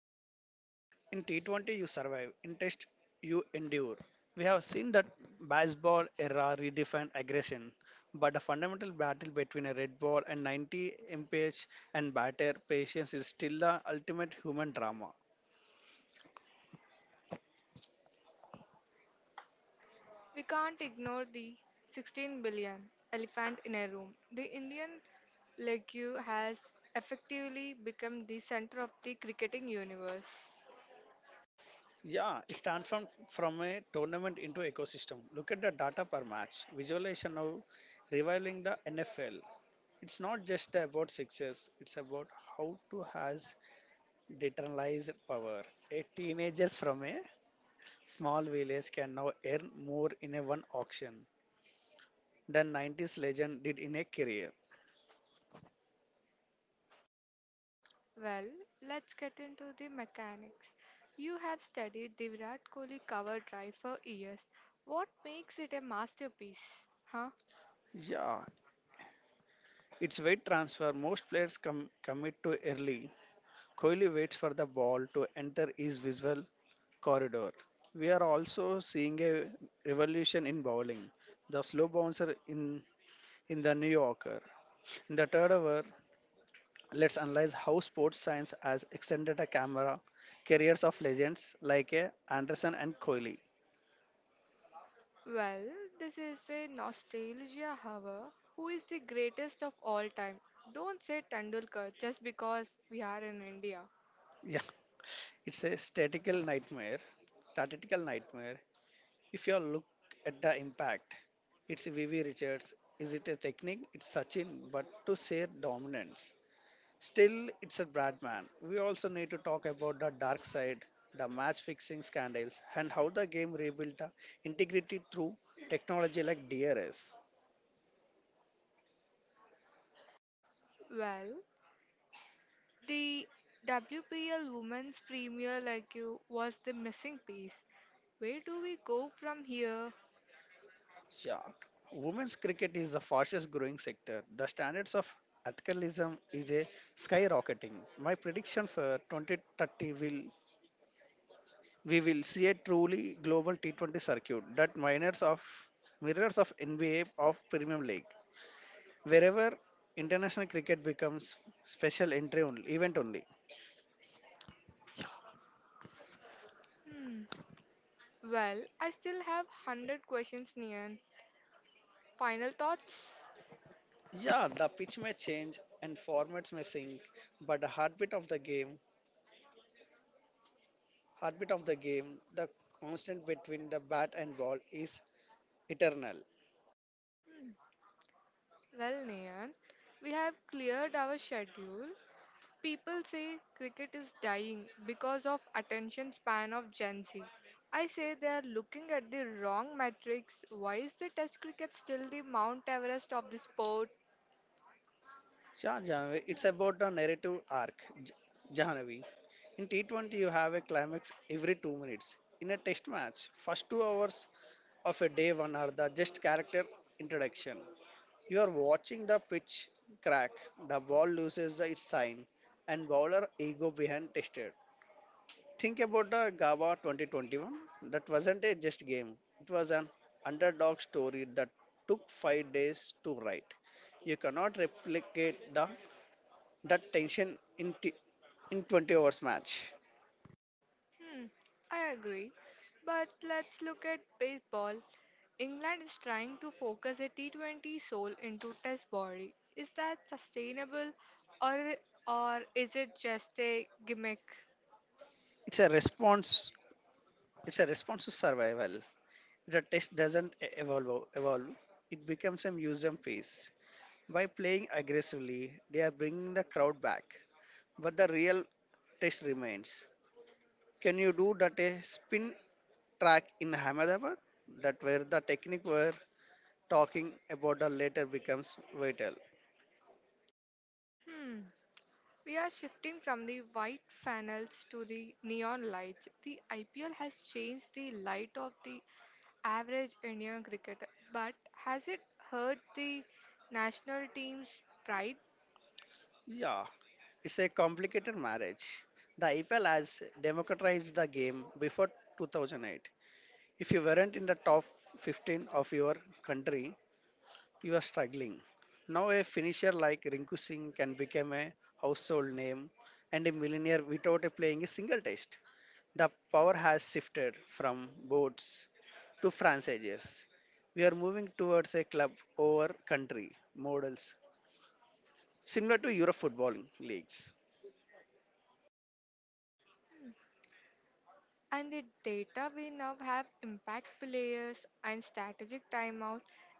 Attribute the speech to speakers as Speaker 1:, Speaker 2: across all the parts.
Speaker 1: time is a weapon. In T20, you survive. In Test, you endure. We have seen that baseball era redefined aggression, but a fundamental battle between a red ball and 90 mph and batter patience is still the ultimate human drama.
Speaker 2: We can't ignore the 16 billion elephant in a room. The Indian legue has effectively become the center of the cricketing universe.
Speaker 1: Yeah, it transformed from a tournament into ecosystem. Look at the data per match. Visualization now reviling the NFL. It's not just about success, it's about how to has decentralized power. A teenager from a small village can now earn more in a one auction than 90s legend did in a career.
Speaker 2: Well, let's get into the mechanics. You have studied the Virat Kohli cover drive for years. What makes it a masterpiece? Huh?
Speaker 1: Yeah, it's weight transfer. Most players commit to early. Kohli waits for the ball to enter his visual corridor. We are also seeing a revolution in bowling. The slow bouncer in the New Yorker. In the third over, let's analyze how sports science has extended a camera careers of legends like Anderson and Kohli.
Speaker 2: Well, this is a nostalgia hour. Who is the greatest of all time? Don't say Tendulkar just because we are in India.
Speaker 1: Yeah, it's a statistical nightmare. Statistical nightmare. If you look at the impact, it's VV Richards. Is it a technique? It's Sachin, but to say dominance. Still, it's a Bradman. We also need to talk about the dark side, the match fixing scandals, and how the game rebuilt the integrity through technology like DRS.
Speaker 2: Well, the WPL Women's Premier like you was the missing piece. Where do we go from here?
Speaker 1: Yeah, women's cricket is the fastest growing sector. The standards of athleticism is a skyrocketing. My prediction for 2030 will we will see a truly global T20 circuit that minors of mirrors of NBA of Premium League, wherever international cricket becomes special entry only, event only.
Speaker 2: Hmm. Well, I still have 100 questions, Nian. Final thoughts?
Speaker 1: Yeah, the pitch may change and formats may sink, but the heartbeat of the game, heartbeat of the game, the constant between the bat and ball is eternal.
Speaker 2: Well, Nian, we have cleared our schedule. People say cricket is dying because of attention span of Gen Z. I say they are looking at the wrong metrics. Why is the test cricket still the Mount Everest of the sport?
Speaker 1: Yeah, Jahnavi, it's about a narrative arc. Jahnavi, in T20 you have a climax every 2 minutes. In a test match, first 2 hours of a day one are the just character introduction. You are watching the pitch crack, the ball loses its sign, and bowler ego behind tested. Think about the GABA 2021. That wasn't a just game. It was an underdog story that took 5 days to write. You cannot replicate the that tension in in 20 hours match.
Speaker 2: Hmm, I agree. But let's look at baseball. England is trying to focus a T20 soul into test body. Is that sustainable or or is it just a gimmick?
Speaker 1: It's a response it's a response to survival. The test doesn't evolve evolve. It becomes a museum piece. By playing aggressively, they are bringing the crowd back. But the real test remains. Can you do that a spin track in Ahmedabad that where the technique were talking about the later becomes vital.
Speaker 2: Hmm. We are shifting from the white funnels to the neon lights. The IPL has changed the light of the average Indian cricketer, but has it hurt the national team's pride?
Speaker 1: Yeah, it's a complicated marriage. The IPL has democratized the game before 2008. If you weren't in the top 15 of your country, you are struggling. Now a finisher like Rinku Singh can become a household name and a millionaire without playing a single test. The power has shifted from boards to franchises. We are moving towards a club over country models, similar to Euro footballing leagues.
Speaker 2: And the data we now have impact players and strategic timeout.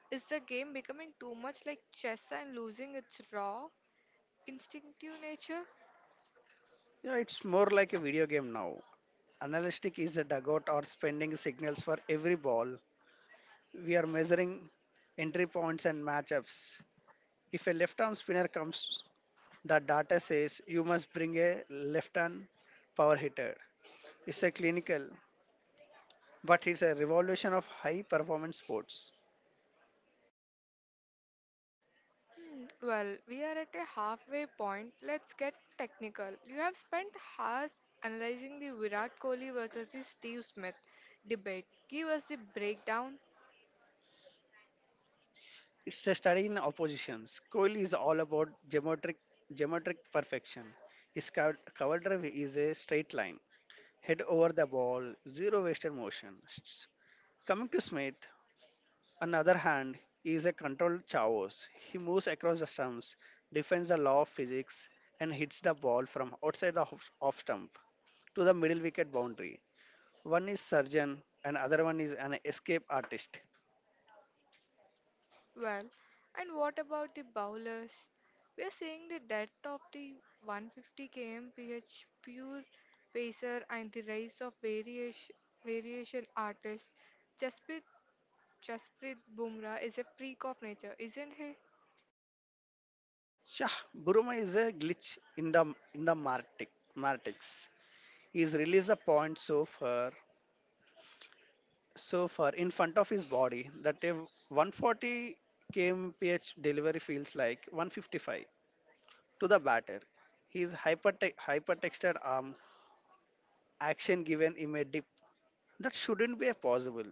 Speaker 2: Is the game becoming too much like chess and losing its raw, instinctive nature?
Speaker 1: You it's more like a video game now. Analytic is a dugout or spending signals for every ball. We are measuring entry points and matchups. If a left arm spinner comes, the data says you must bring a left hand power hitter. It's a clinical, but it's a revolution of high performance sports.
Speaker 2: Well, we are at a halfway point. Let's get technical. You have spent hours analyzing the Virat Kohli versus the Steve Smith debate. Give us the breakdown.
Speaker 1: It's a study in oppositions. Kohli is all about geometric perfection. His cover drive is a straight line, head over the ball, zero wasted motion. Coming to Smith, on the other hand, he is a controlled chaos. He moves across the stumps, defends the law of physics, and hits the ball from outside the off stump to the middle wicket boundary. One is surgeon, and other one is an escape artist.
Speaker 2: Well, and what about the bowlers? We are seeing the death of the 150 kmph pure pacer and the rise of variation, variation artists. Jasprit, Jasprit Bumrah is a freak of nature, isn't he?
Speaker 1: Yeah, Buruma is a glitch in the in the Martic, Martix. He's released a point so far in front of his body that a 140 kmph delivery feels like 155 to the batter. His hypertexted arm action given him a dip that shouldn't be possible.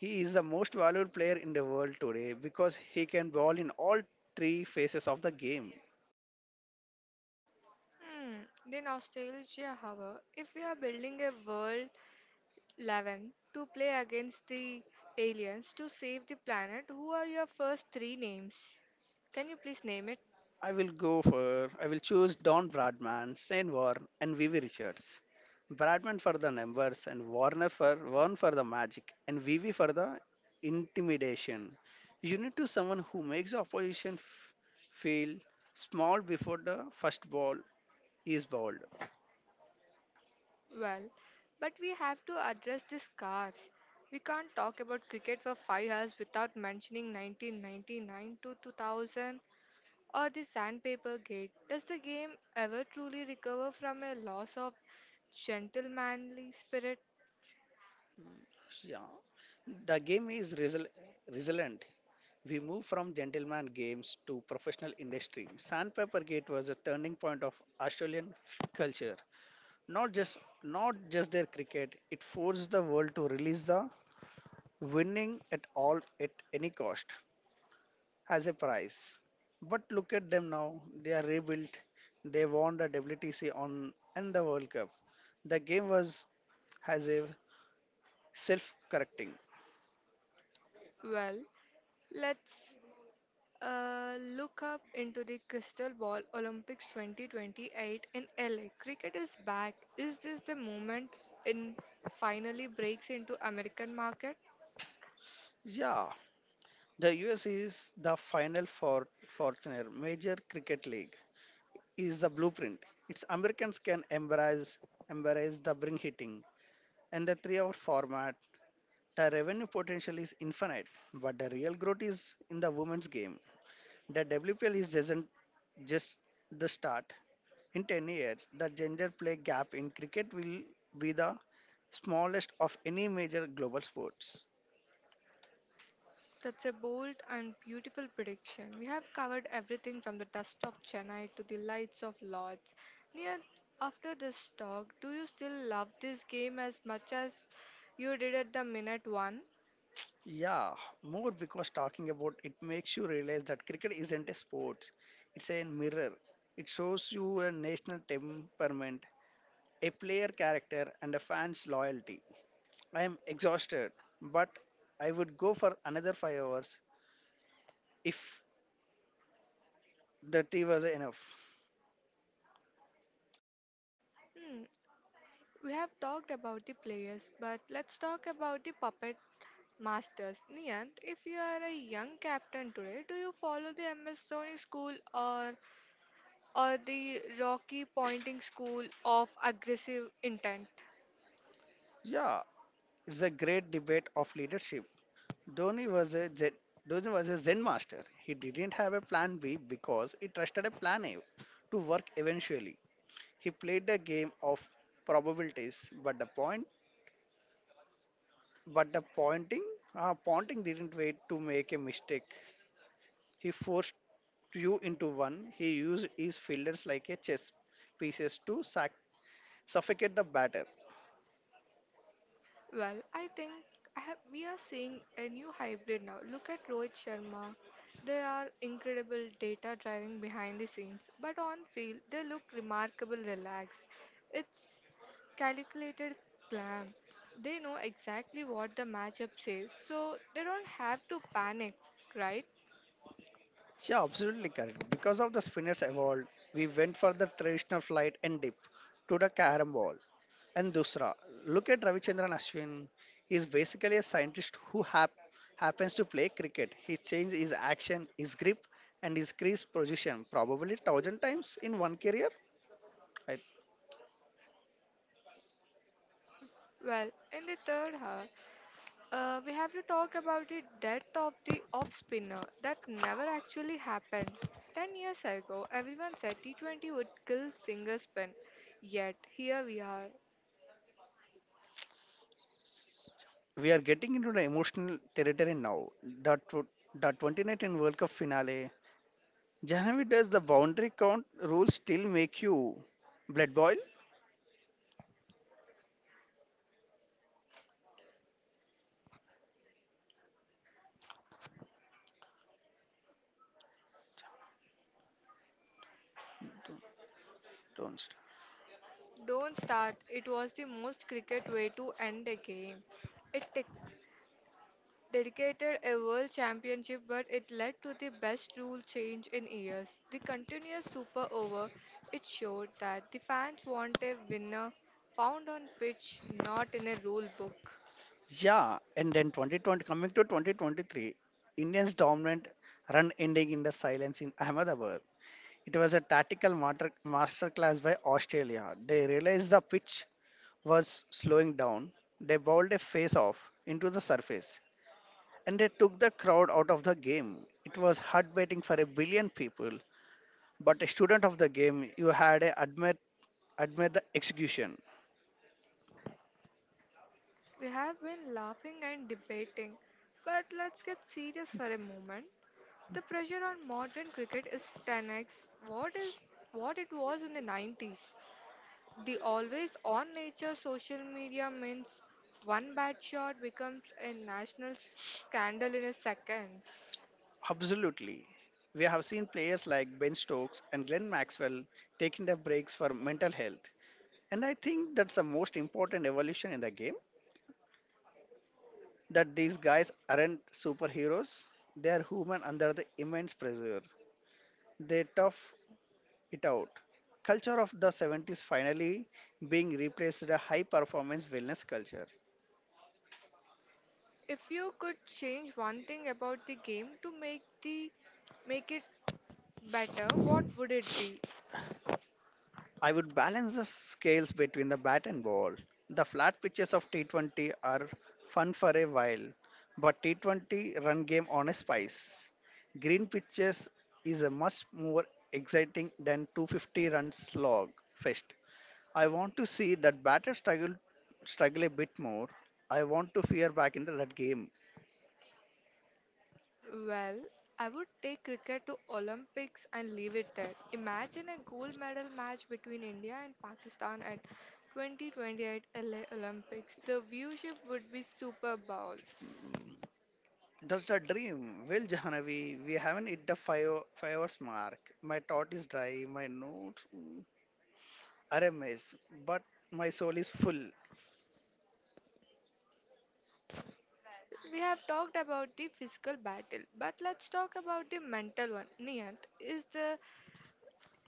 Speaker 1: He is the most valued player in the world today because he can ball in all three phases of the game.
Speaker 2: Hmm, the nostalgia, however, if we are building a world 11 to play against the aliens to save the planet, who are your first three names? Can you please name it?
Speaker 1: I will choose Don Bradman, Shane Warne, and Vivi Richards. Bradman for the numbers and Warner for Warren for the magic and Vivi for the intimidation. You need to someone who makes the opposition feel small before the first ball is bowled.
Speaker 2: Well, but we have to address the scars. We can't talk about cricket for 5 hours without mentioning 1999 to 2000 or the sandpaper gate. Does the game ever truly recover from a loss of gentlemanly spirit?
Speaker 1: Yeah, the game is resilient. We move from gentleman games to professional industry. Sandpaper Gate was a turning point of Australian culture. Not just their cricket, it forced the world to release the winning at all at any cost as a prize. But look at them now. They are rebuilt. They won the WTC on and the World Cup. The game was has a self-correcting.
Speaker 2: Well, let's look up into the Crystal Ball Olympics 2028 in LA. Cricket is back. Is this the moment in finally breaks into American market?
Speaker 1: Yeah, the US is the final for Fortuner Major Cricket League is the blueprint. Its Americans can embrace the bring hitting and the three-hour format. The revenue potential is infinite, but the real growth is in the women's game. The WPL is isn't just the start. In 10 years, the gender play gap in cricket will be the smallest of any major global sports.
Speaker 2: That's a bold and beautiful prediction. We have covered everything from the dust of Chennai to the lights of Lords. Near after this talk, do you still love this game as much as you did at the minute one?
Speaker 1: Yeah, more because talking about it makes you realize that cricket isn't a sport, it's a mirror. It shows you a national temperament, a player character, and a fan's loyalty. I am exhausted, but I would go for another 5 hours if the tea was enough.
Speaker 2: Hmm. We have talked about the players, but let's talk about the puppet masters. Niyant, if you are a young captain today, do you follow the MS Dhoni school or the Rocky Pointing school of aggressive intent?
Speaker 1: Yeah, it's a great debate of leadership. Dhoni was a Zen, Dhoni was a Zen master. He didn't have a plan B because he trusted a plan A to work eventually. He played the game of probabilities, but the pointing, pointing didn't wait to make a mistake. He forced you into one. He used his fielders like a chess pieces to suffocate the batter.
Speaker 2: Well, I think I have, we are seeing a new hybrid now. Look at Rohit Sharma. They are incredible data driving behind the scenes, but on field they look remarkable relaxed. It's calculated clam; they know exactly what the matchup says, so they don't have to panic, right?
Speaker 1: Yeah, absolutely correct. Because of the spinners evolved, we went for the traditional flight and dip to the carom ball and dusra. Look at Ravichandran Ashwin. He's basically a scientist who happens to play cricket. He changed his action, his grip, and his crease position probably thousand times in one career. I,
Speaker 2: Well, in the third hour, we have to talk about the death of the off spinner that never actually happened. 10 years ago, everyone said T20 would kill finger spin. Yet, here we are.
Speaker 1: we are getting into the emotional territory now. That tw- the 2019 World Cup finale. Jahnavi does the boundary count rule still make you blood boil? Don't don't start.
Speaker 2: Don't start, it was the most cricket way to end a game. It dedicated a world championship, but it led to the best rule change in years. The continuous super over, it showed that the fans want a winner found on pitch, not in a rule book.
Speaker 1: Yeah, and then 2020 coming to 2023, Indians dominant run ending in the silence in Ahmedabad. It was a tactical masterclass by Australia. They realized the pitch was slowing down. They bowled a face off into the surface and they took the crowd out of the game. It was heartbreaking for a billion people, but a student of the game, you had to admit the execution.
Speaker 2: We have been laughing and debating, but let's get serious for a moment. The pressure on modern cricket is 10x what it was in the 90s. The always on nature social media means one bad shot becomes a national scandal in a second.
Speaker 1: Absolutely. We have seen players like Ben Stokes and Glenn Maxwell taking their breaks for mental health. And I think that's the most important evolution in the game that these guys aren't superheroes, they are human under the immense pressure. They tough it out. Culture of the 70s finally being replaced with a high performance wellness culture.
Speaker 2: If you could change one thing about the game to make the make it better, what would it be?
Speaker 1: I would balance the scales between the bat and ball. The flat pitches of T20 are fun for a while, but T20 run game on a spice. Green pitches is a much more exciting than 250 run slog fest. I want to see that batter struggle a bit more. I want to fear back in the red game.
Speaker 2: Well, I would take cricket to Olympics and leave it there. Imagine a gold medal match between India and Pakistan at 2028 LA Olympics. The viewership would be Super Bowl.
Speaker 1: That's the dream. Well, Jahanavi, we haven't hit the 5 hours mark. My thought is dry. My notes. Are a mess, but my soul is full.
Speaker 2: Well, we have talked about the physical battle, but let's talk about the mental one. Niyant, is the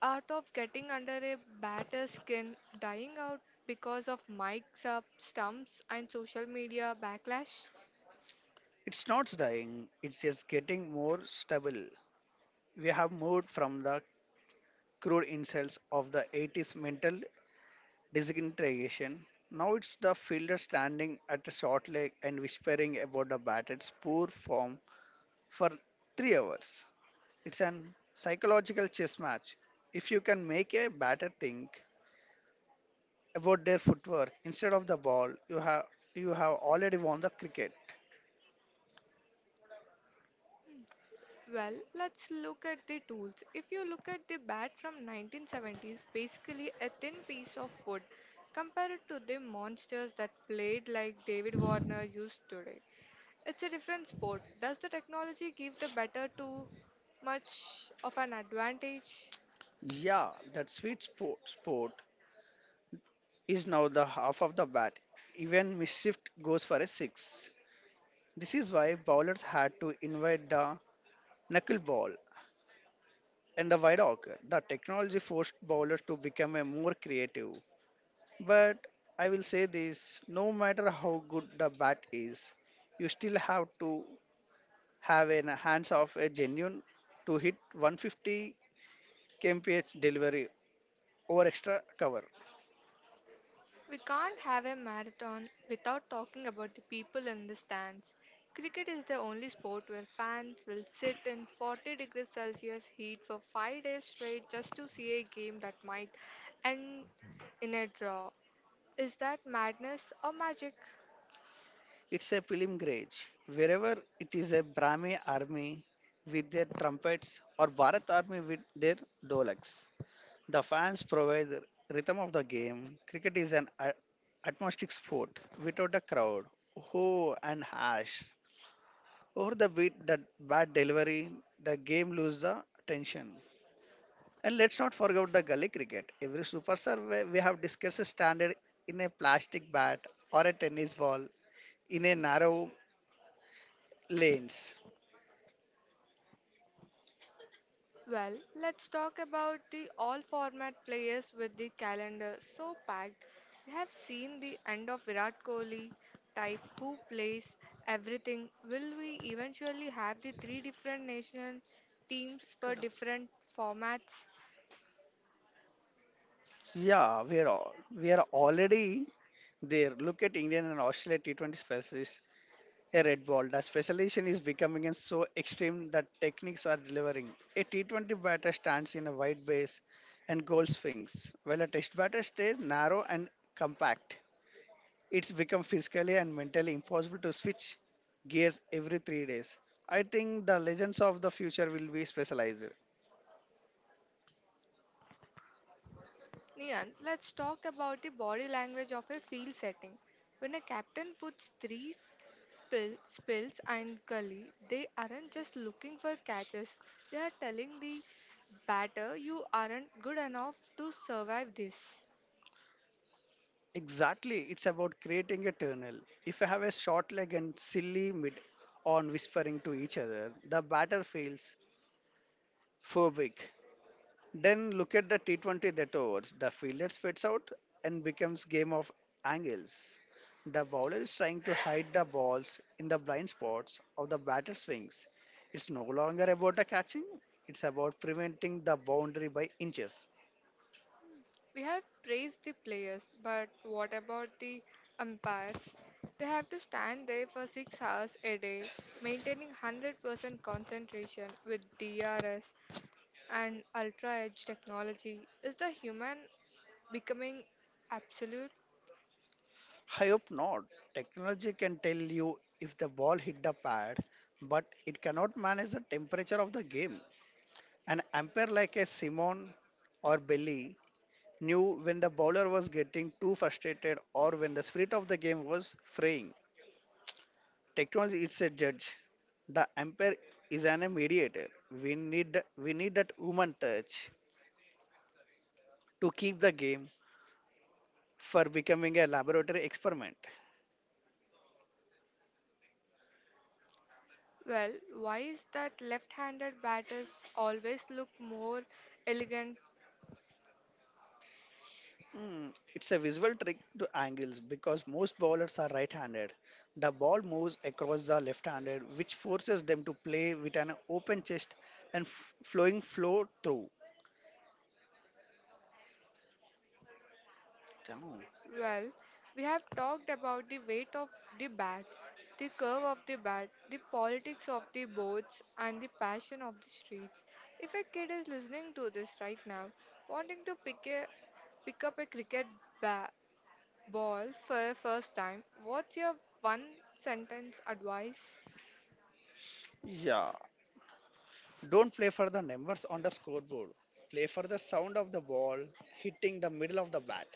Speaker 2: art of getting under a batter's skin dying out because of mics up, stumps, and social media backlash?
Speaker 1: It's not dying, it's just getting more stable. We have moved from the crude insults of the 80s mental disintegration. Now it's the fielder standing at a short leg and whispering about the batter's poor form for 3 hours. It's an psychological chess match. If you can make a batter think about their footwork instead of the ball, you have already won the cricket.
Speaker 2: Well, let's look at the tools. If you look at the bat from 1970s, basically a thin piece of wood compared to the monsters that played like David Warner used today. It's a different sport. Does the technology give the batter too much of an advantage?
Speaker 1: Yeah, that spot is now the half of the bat. Even mischief goes for a six. This is why bowlers had to invite the knuckleball and the wide hawker. The technology forced bowlers to become a more creative. But I will say this: no matter how good the bat is, you still have to have a hands of a genuine to hit 150 kmph delivery over extra cover.
Speaker 2: We can't have a marathon without talking about the people in the stands. Cricket is the only sport where fans will sit in 40 degrees Celsius heat for 5 days straight just to see a game that might end in a draw. Is that madness or magic?
Speaker 1: It's a pilgrimage. Wherever it is a Brahmi army with their trumpets or Bharat army with their dolaks. The fans provide the rhythm of the game. Cricket is an atmospheric sport without a crowd. Ho and hash. Over the beat, the bad delivery, the game lose the tension. And let's not forget the gully cricket. Every superstar we have discussed standard in a plastic bat or a tennis ball in a narrow lanes.
Speaker 2: Well, let's talk about the all format players with the calendar so packed. We have seen the end of Virat Kohli type who plays everything. Will we eventually have the three different national teams for different formats?
Speaker 1: Yeah, we are already there. Look at Indian and Australia T20 specialists. A red ball. The specialization is becoming and so extreme that techniques are delivering. A T20 batter stands in a wide base and goal swings, while a test batter stays narrow and compact. It's become physically and mentally impossible to switch gears every 3 days. I think the legends of the future will be specialized.
Speaker 2: Niyan, let's talk about the body language of a field setting. When a captain puts three spills and gully, they aren't just looking for catches. They are telling the batter you aren't good enough to survive this.
Speaker 1: Exactly, it's about creating a tunnel. If you have a short leg and silly mid on whispering to each other, the batter feels phobic. Then look at the T20 that overs. The fielder spits out and becomes game of angles. The bowler is trying to hide the balls in the blind spots of the batter swings. It's no longer about the catching, it's about preventing the boundary by inches.
Speaker 2: We have praised the players, but what about the umpires? They have to stand there for 6 hours a day, maintaining 100% concentration with DRS and ultra edge technology. Is the human becoming absolute?
Speaker 1: I hope not. Technology can tell you if the ball hit the pad, but it cannot manage the temperature of the game. An umpire like a Simon or Billy knew when the bowler was getting too frustrated or when the spirit of the game was fraying. Technology is a judge. The umpire is an mediator. We need that human touch to keep the game for becoming a laboratory experiment.
Speaker 2: Well, why is that left handed batters always look more elegant?
Speaker 1: It's a visual trick to angles because most bowlers are right handed. The ball moves across the left handed, which forces them to play with an open chest and flowing flow through. Damn.
Speaker 2: Well, we have talked about the weight of the bat, the curve of the bat, the politics of the boards, and the passion of the streets. If a kid is listening to this right now, wanting to pick up a cricket ba- ball for a first time, what's your one sentence advice?
Speaker 1: Yeah. Don't play for the numbers on the scoreboard. Play for the sound of the ball hitting the middle of the bat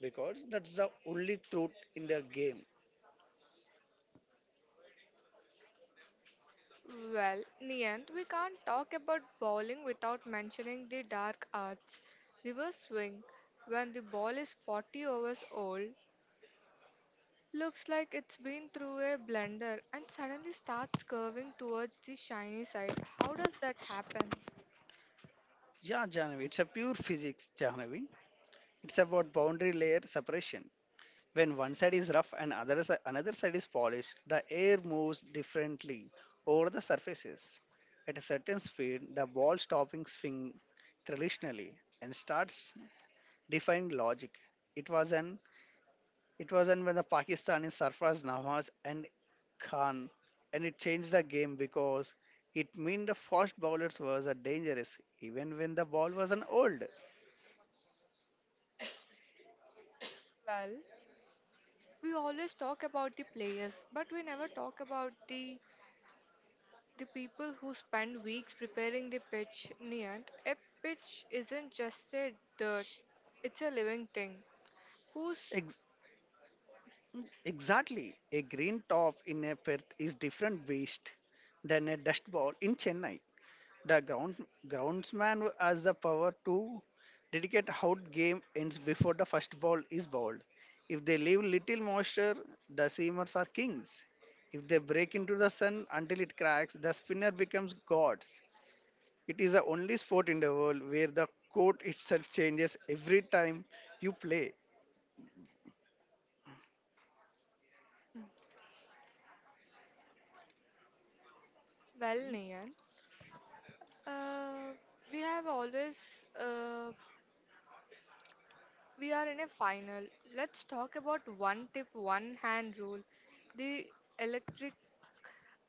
Speaker 1: because that's the only truth in the game.
Speaker 2: Well, Niyant, we can't talk about bowling without mentioning the dark arts. Reverse swing, when the ball is 40 overs old, looks like it's been through a blender and suddenly starts curving towards the shiny side. How does that happen?
Speaker 1: Yeah, Janavi, it's a pure physics, Janavi. It's about boundary layer separation. When one side is rough and another side is polished, the air moves differently over the surfaces. At a certain speed, the ball stopping swing traditionally and starts defying logic. It was an it was an when the Pakistani surfers Nawaz and Khan, and it changed the game because it meant the fast bowlers was a dangerous even when the ball wasn't old.
Speaker 2: Well, we always talk about the players, but we never talk about the people who spend weeks preparing the pitch neant a pitch isn't just a dirt, it's a living thing. Who's
Speaker 1: Exactly. A green top in a Perth is different waste than a dust ball in Chennai. The groundsman has the power to dedicate how game ends before the first ball is bowled. If they leave little moisture, the seamers are kings. If they break into the sun until it cracks, the spinner becomes gods. It is the only sport in the world where the court itself changes every time you play.
Speaker 2: well neant? Uh, we have always uh, we are in a final. Let's talk about one tip, one hand rule. The electric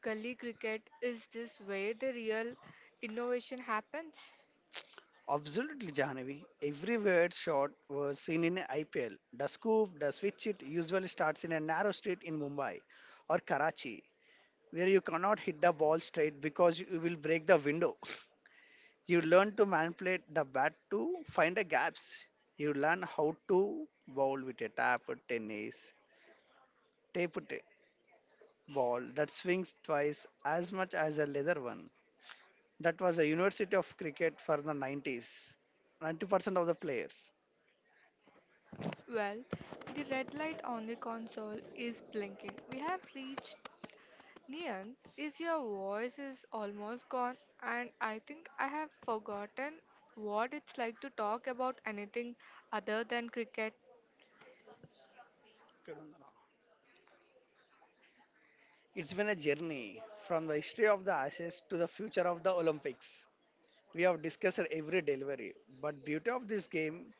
Speaker 2: gully cricket is this where the real innovation happens?
Speaker 1: Absolutely, Jahanavi. Every weird shot was seen in IPL. The scoop, the switch it usually starts in a narrow street in Mumbai or Karachi, where you cannot hit the ball straight because you will break the window. You learn to manipulate the bat to find the gaps. You learn how to bowl with a tap tennis, tape t- ball that swings twice as much as a leather one. That was a university of cricket for the 90s. 90% of the players.
Speaker 2: Well, the red light on the console is blinking. We have reached Nian, is your voice is almost gone, and I think I have forgotten what it's like to talk about anything other than cricket.
Speaker 1: It's been a journey from the history of the Ashes to the future of the Olympics. We have discussed every delivery, but beauty of this game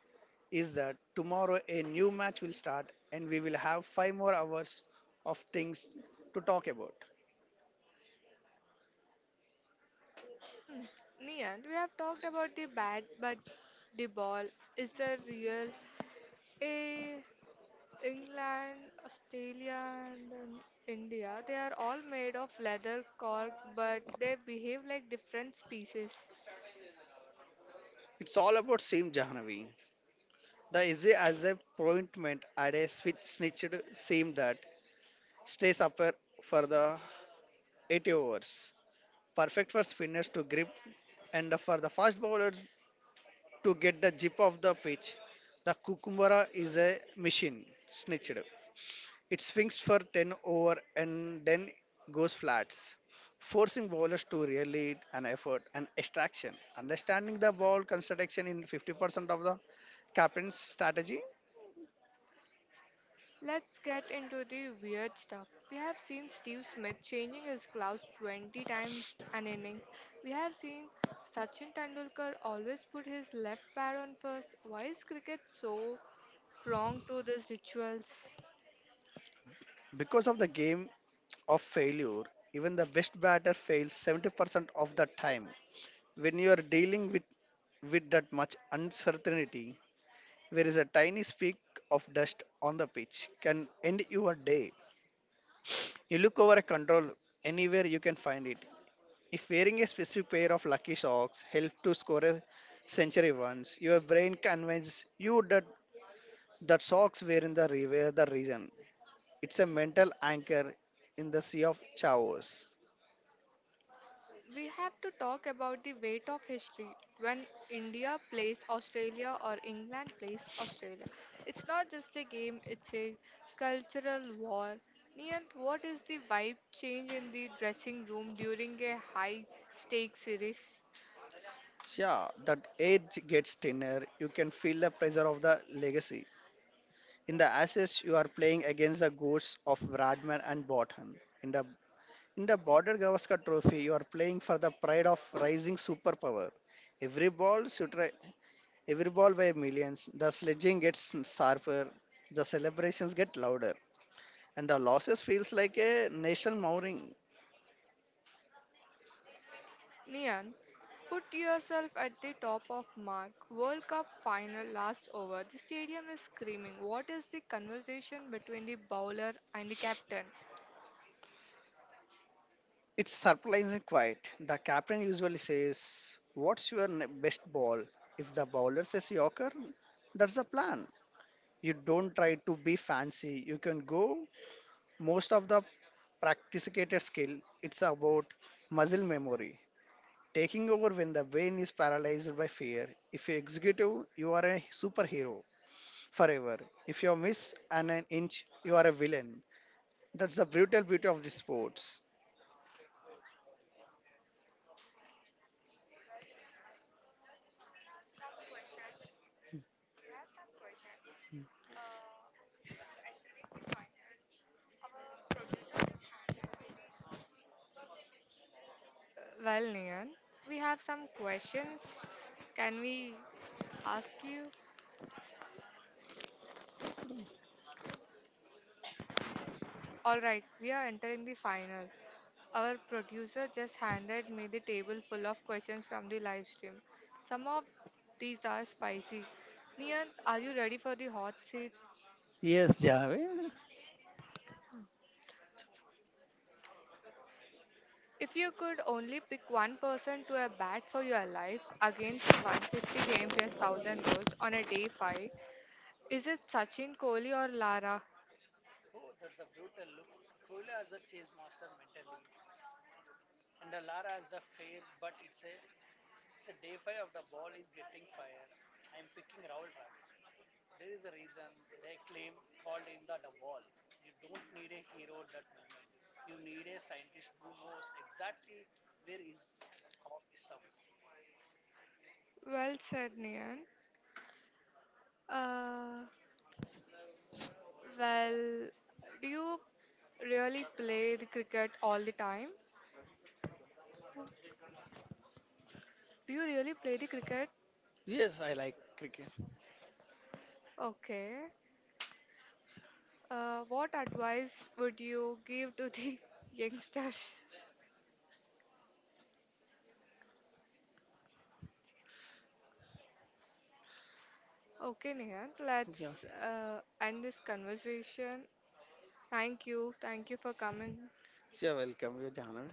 Speaker 1: is that tomorrow a new match will start and we will have 5 more hours of things to talk about.
Speaker 2: Hmm. Nian, we have talked about the bat, but the ball is the real. A England, Australia, and India, they are all made of leather cork, but they behave like different species.
Speaker 1: It's all about Seam Jahanavi. The easy as a appointment at a switch snitched seam that stays up for the 80 overs. Perfect for spinners to grip and for the fast bowlers to get the zip of the pitch. The Kukumbara is a machine, snitched. It swings for 10 over and then goes flats, forcing bowlers to really an effort and extraction. Understanding the ball construction in 50% of the captain's strategy.
Speaker 2: Let's get into the weird stuff. We have seen Steve Smith changing his gloves 20 times an innings. We have seen Sachin Tendulkar always put his left pad on first. Why is cricket so prone to these rituals?
Speaker 1: Because of the game of failure, even the best batter fails 70% of the time. When you are dealing with that much uncertainty, there is a tiny speck of dust on the pitch can end your day. You look over a control anywhere you can find it. If wearing a specific pair of lucky socks helped to score a century once, your brain convinces you that that socks were were the reason. It's a mental anchor in the sea of chaos.
Speaker 2: We have to talk about the weight of history. When India plays Australia or England plays Australia, it's not just a game, it's a cultural war. Niyant, what is the vibe change in the dressing room during a high stakes series?
Speaker 1: Yeah, that edge gets thinner. You can feel the pressure of the legacy. In the Ashes, you are playing against the ghosts of Bradman and Bothan. In the In the Border Gavaskar Trophy, you are playing for the pride of rising superpower. Every ball, sutra- every ball by millions. The sledging gets sharper, the celebrations get louder, and the losses feels like a national mourning.
Speaker 2: Niyant, put yourself at the top of mark. World Cup final last over. The stadium is screaming. What is the conversation between the bowler and the captain?
Speaker 1: It's surprisingly quiet. The captain usually says, "What's your best ball?" If the bowler says Yorker, that's the plan. You don't try to be fancy. You can go most of the practicated skill. It's about muscle memory, taking over when the brain is paralyzed by fear. If you're executive, you are a superhero forever. If you miss an inch, you are a villain. That's the brutal beauty of the sports.
Speaker 2: Well, Nian, we have some questions. Can we ask you? All right, we are entering the final. Our producer just handed me the table full of questions from the live stream. Some of these are spicy. Nian, are you ready for the hot seat?
Speaker 1: Yes, Jahve.
Speaker 2: If you could only pick one person to a bat for your life against the 150 kmph 1000 volts on a day 5, is it Sachin Kohli or Lara? Well said, Nian. Uh, well, do you really play the cricket all the time? Do you really play the cricket?
Speaker 1: Yes, I like cricket.
Speaker 2: Okay. What advice would you give to the youngsters? Okay, Nihant,
Speaker 1: Yeah,
Speaker 2: let's end this conversation. Thank you. Thank you for coming.
Speaker 1: you're welcome, You Jahve.